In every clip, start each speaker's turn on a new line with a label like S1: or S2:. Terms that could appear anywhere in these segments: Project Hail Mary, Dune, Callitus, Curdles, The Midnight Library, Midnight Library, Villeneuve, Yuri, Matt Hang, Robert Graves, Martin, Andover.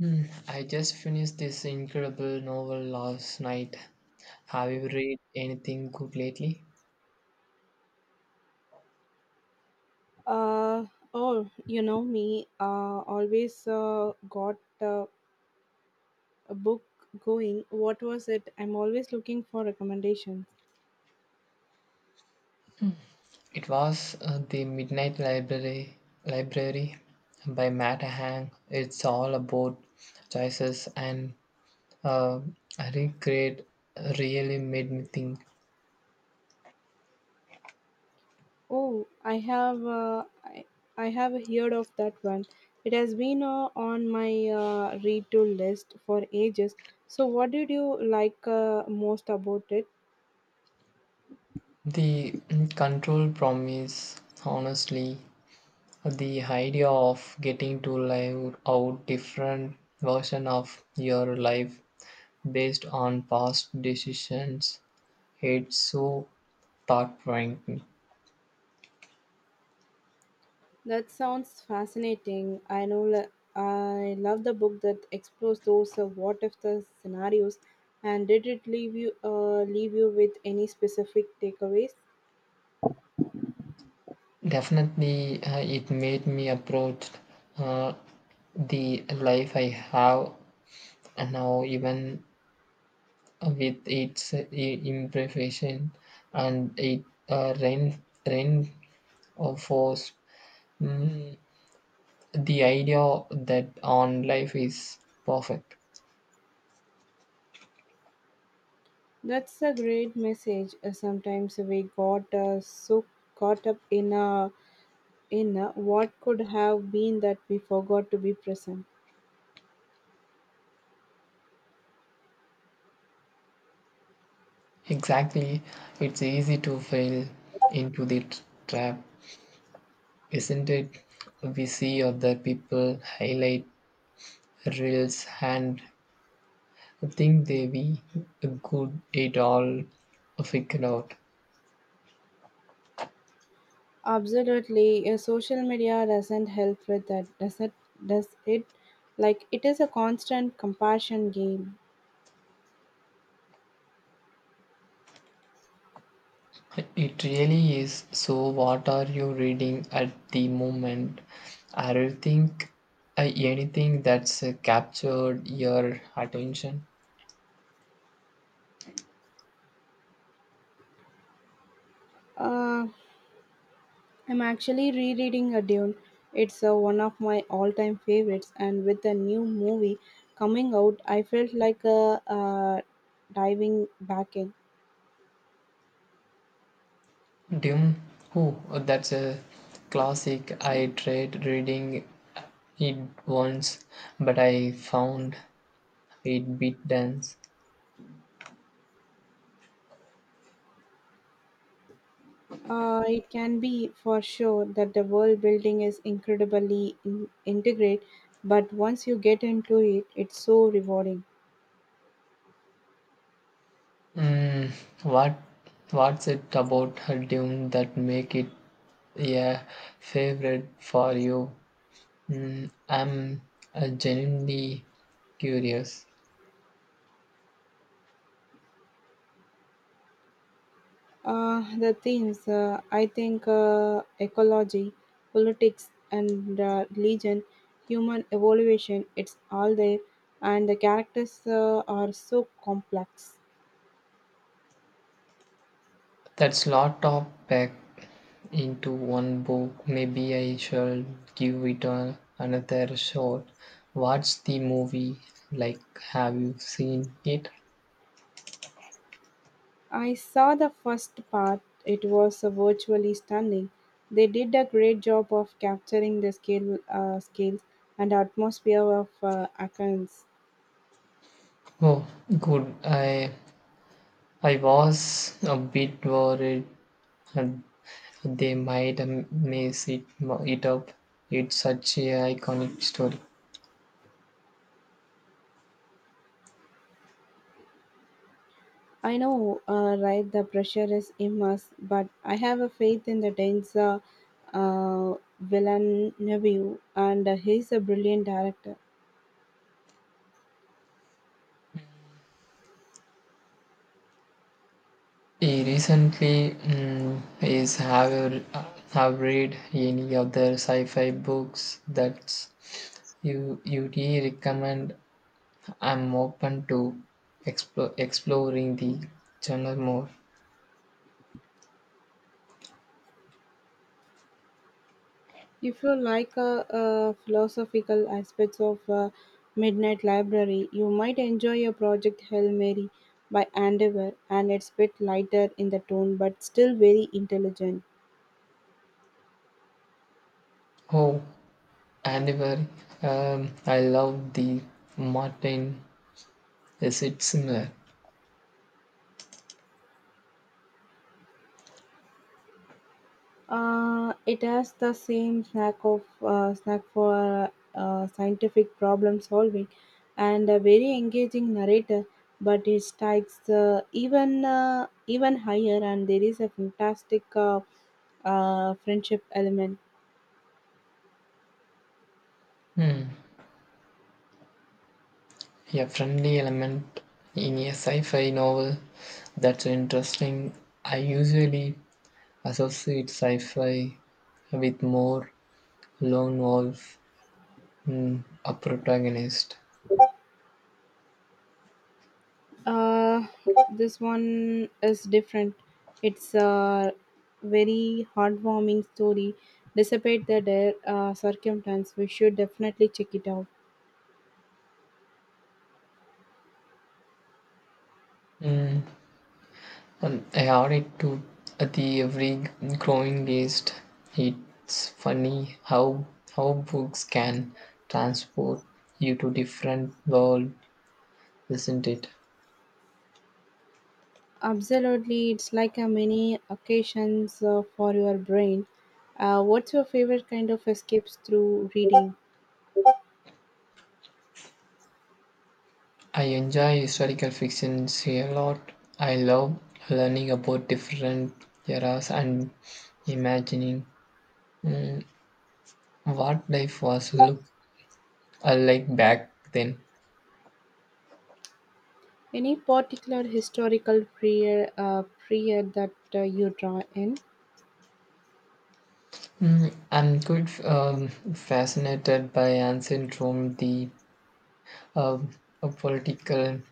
S1: Hmm, I just finished this incredible novel last night. Have you read anything good lately?
S2: Uh, oh, you know me, always got uh, a book going. What was it? I'm always looking for recommendations.
S1: It was The Midnight Library Library by Matt Hang. It's all about choices and uh, regret really made me think.
S2: Oh, I have I have heard of that one. It has been on my read to list for ages. So, what did you like most about it?
S1: The control promise honestly the idea of getting to live out different version of your life based on past decisions it's so thought provoking
S2: That sounds fascinating. I love the book that explores those what if the scenarios. And did it leave you with any specific takeaways?
S1: definitely it made me approach uh, the life I have now even with its imperfection and it rain rain of force Mm, the idea that on life is perfect.
S2: That's a great message. Sometimes we got so caught up in what could have been that we forgot to be present.
S1: Exactly, it's easy to fall into the trap, isn't it? We see other people highlight reels and think they be good it all figured out.
S2: Absolutely, social media doesn't help with that, does it? Does it? Like it is a constant compassion game.
S1: It really is. So, what are you reading at the moment? I don't think anything that's captured your attention.
S2: Uh, I'm actually rereading A Dune. It's one of my all time favorites, and with the new movie coming out, I felt like diving back in.
S1: Dune. Oh, that's a classic. I tried reading it once, but I found it bit dense.
S2: It can be for sure that the world building is incredibly integrate, but once you get into it, it's so rewarding.
S1: Mm, what what's it about Dune that make it a favorite for you? I'm genuinely curious.
S2: The themes, I think, ecology, politics, and religion, human evolution, it's all there, and the characters are so complex.
S1: That's lot of packed into one book. Maybe I shall give another shot. What's the movie like? Have you seen it?
S2: I saw the first part, it was virtually stunning. They did a great job of capturing the scales and atmosphere of Athens.
S1: Oh, good. I was a bit worried and they might mess it up. It's such a iconic story.
S2: I know, right? The pressure is immense, but I have a faith in the Danes, uh, Villeneuve, and he's a brilliant director.
S1: He recently mm, is have you- r- have read any other sci-fi books that's You you de recommend I'm open to exploring the channel more.
S2: If you like philosophical aspects of Midnight Library, you might enjoy your project Hail Mary by Andover, and it's a bit lighter in the tone, but still very intelligent.
S1: Oh, anniversary. I love the Martin. Is it similar?
S2: It has the same snack of snack for scientific problem solving and a very engaging narrator. But it strikes even higher, and there is a fantastic friendship element.
S1: Hmm. A friendly element in a sci-fi novel that's interesting. I usually associate sci-fi with more lone wolf a protagonist.
S2: Uh, this one is different. It's a very heartwarming story. Despite the dire, circumstance, we should definitely check it out.
S1: Mm, I added to the every growing list. It's funny how books can transport you to different world, isn't it?
S2: Absolutely, it's like a mini occasions for your brain. What's your favorite kind of escapes through reading?
S1: I enjoy historical fiction a lot. I love learning about different eras and imagining what life was look like back then.
S2: Any particular historical period that you draw in?
S1: I'm good fascinated by ancient Rome, the uh, political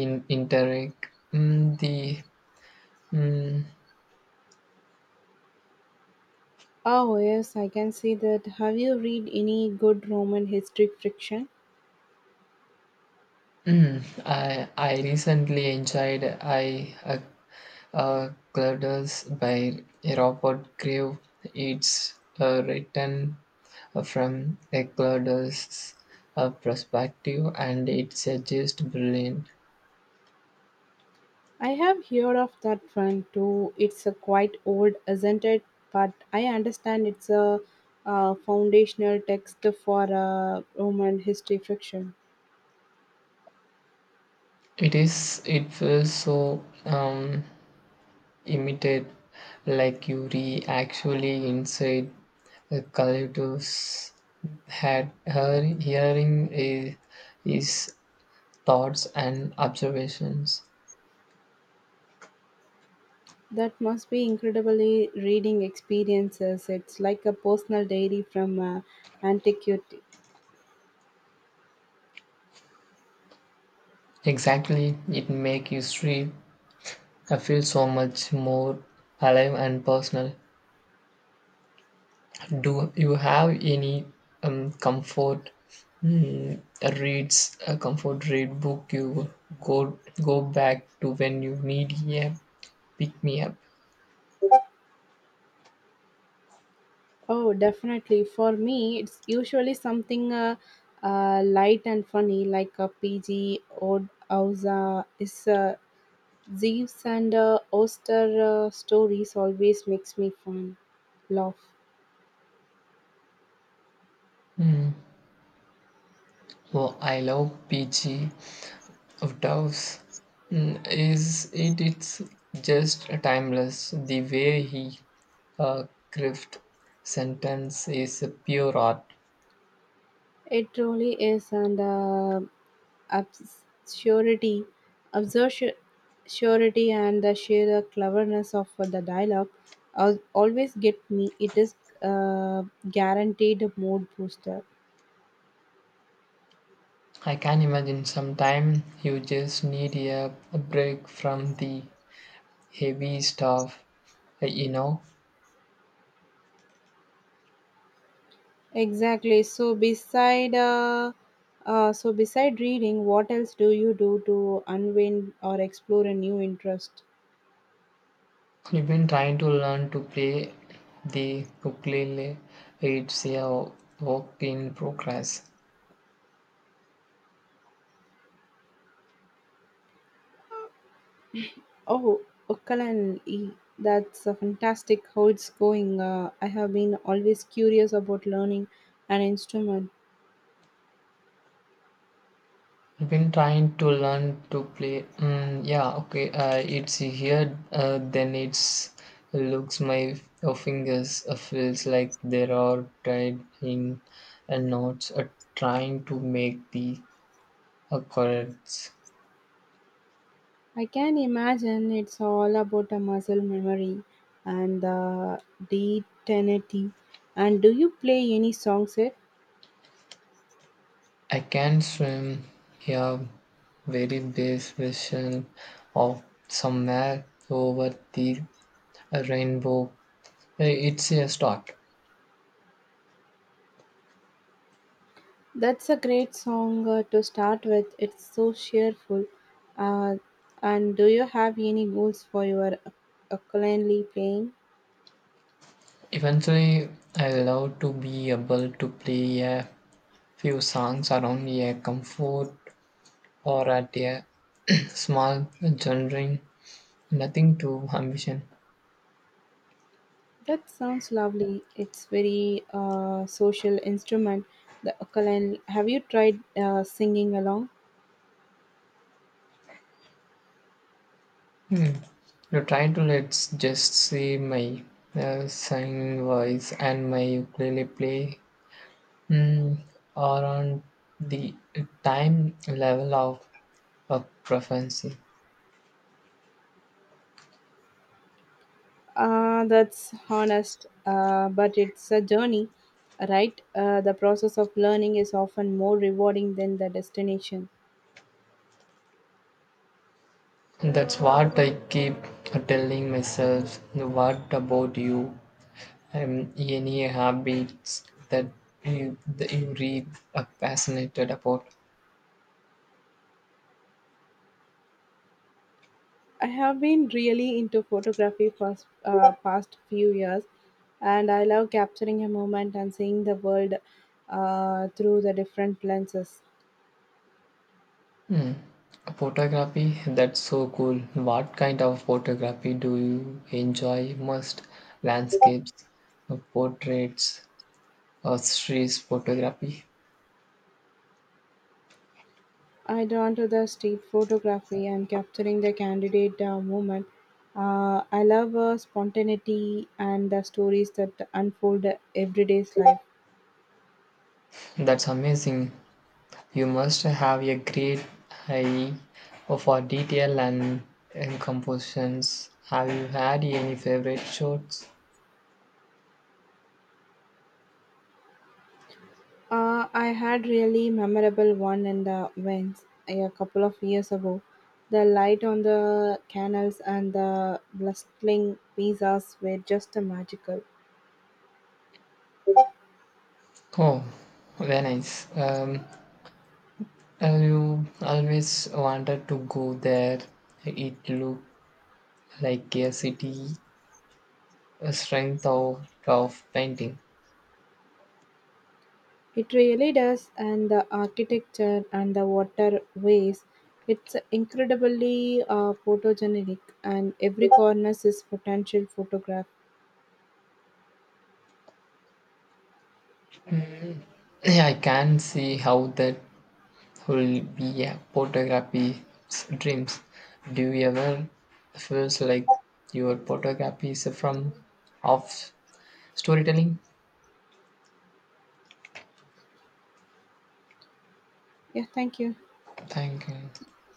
S1: in Interreg. Mm, the mm,
S2: Oh yes, I can see that. Have you read any good Roman history fiction?
S1: mm, I recently enjoyed I Curdles by Robert Graves. It's written from a Curdles perspective, and it's just brilliant.
S2: I have heard of that one too. It's a quite old, isn't it? But I understand it's a, foundational text for Roman history fiction.
S1: It is. It feels so. Imitate like Yuri actually inside the Callitus had her hearing i- his thoughts and observations.
S2: That must be incredibly reading experiences. It's like a personal diary from antiquity.
S1: Exactly, it make history feel so much more alive and personal. Do you have any comfort mm, reads a comfort read book you go go back to when you need a pick me up?
S2: Oh, definitely. For me, it's usually something light and funny, like a PG or Auza. Is Zeus and Oster stories always makes me fun laugh.
S1: Mm. Oh, I love peachy doves. Is it? It's just timeless. The way he uh, craft sentence is pure art.
S2: It truly is an absurdity, absurdity, and the sheer cleverness of the dialogue always get me. It is a guaranteed mood booster.
S1: I can imagine sometime you just need a break from the heavy stuff. You know,
S2: Exactly. So beside reading, what else do you do to unwind or explore a new interest?
S1: you've been trying to learn to play the ukulele. It's a work in progress.
S2: Oh, ukulele. That's fantastic how it's going. I have been always curious about learning an instrument.
S1: I've been trying to learn to play. Mm, yeah, okay. It's here. Then it's looks my fingers feels like they are tied in a knots. Trying to make the chords.
S2: I can imagine it's all about a muscle memory and the dexterity. And do you play any songs yet?
S1: I can swim. Yeah, very base version of somewhere over the rainbow. It's a start.
S2: That's a great song to start with. It's so cheerful. Uh, and do you have any goals for your ukulele playing?
S1: Eventually, I love to be able to play a Few songs are only a comfort or at a small genering, nothing too ambition.
S2: That sounds lovely. It's very social instrument, the ukulele. Have you tried singing along?
S1: Hmm. You try to let's just see my singing voice and my ukulele play mm, are on the time level of proficiency.
S2: That's honest, but it's a journey, right? The process of learning is often more rewarding than the destination.
S1: That's what I keep telling myself. What about you? Any habits that that you read are fascinated about?
S2: I have been really into photography for past few years, and I love capturing a moment and seeing the world through the different lenses.
S1: Hmm. Photography, that's so cool. What kind of photography do you enjoy most? Landscapes, portraits, or street photography?
S2: I drawn to the street photography and capturing the candidate moment. I love spontaneity and the stories that unfold everyday's life.
S1: That's amazing. You must have a great eye for detail and compositions. Have you had any favorite shots?
S2: I had really memorable one in the Vents a couple of years ago. The light on the canals and the blustling pizzas were just magical.
S1: Oh, very nice. Have you always wanted to go there? It looked like a city, a strength of painting.
S2: It really does, and the architecture and the waterways. It's incredibly photogenic, and every corner is potential photograph.
S1: I can see how that will be a photography's dreams. Do you ever feels like your photography is from off storytelling?
S2: Yeah, thank you.
S1: Thank you.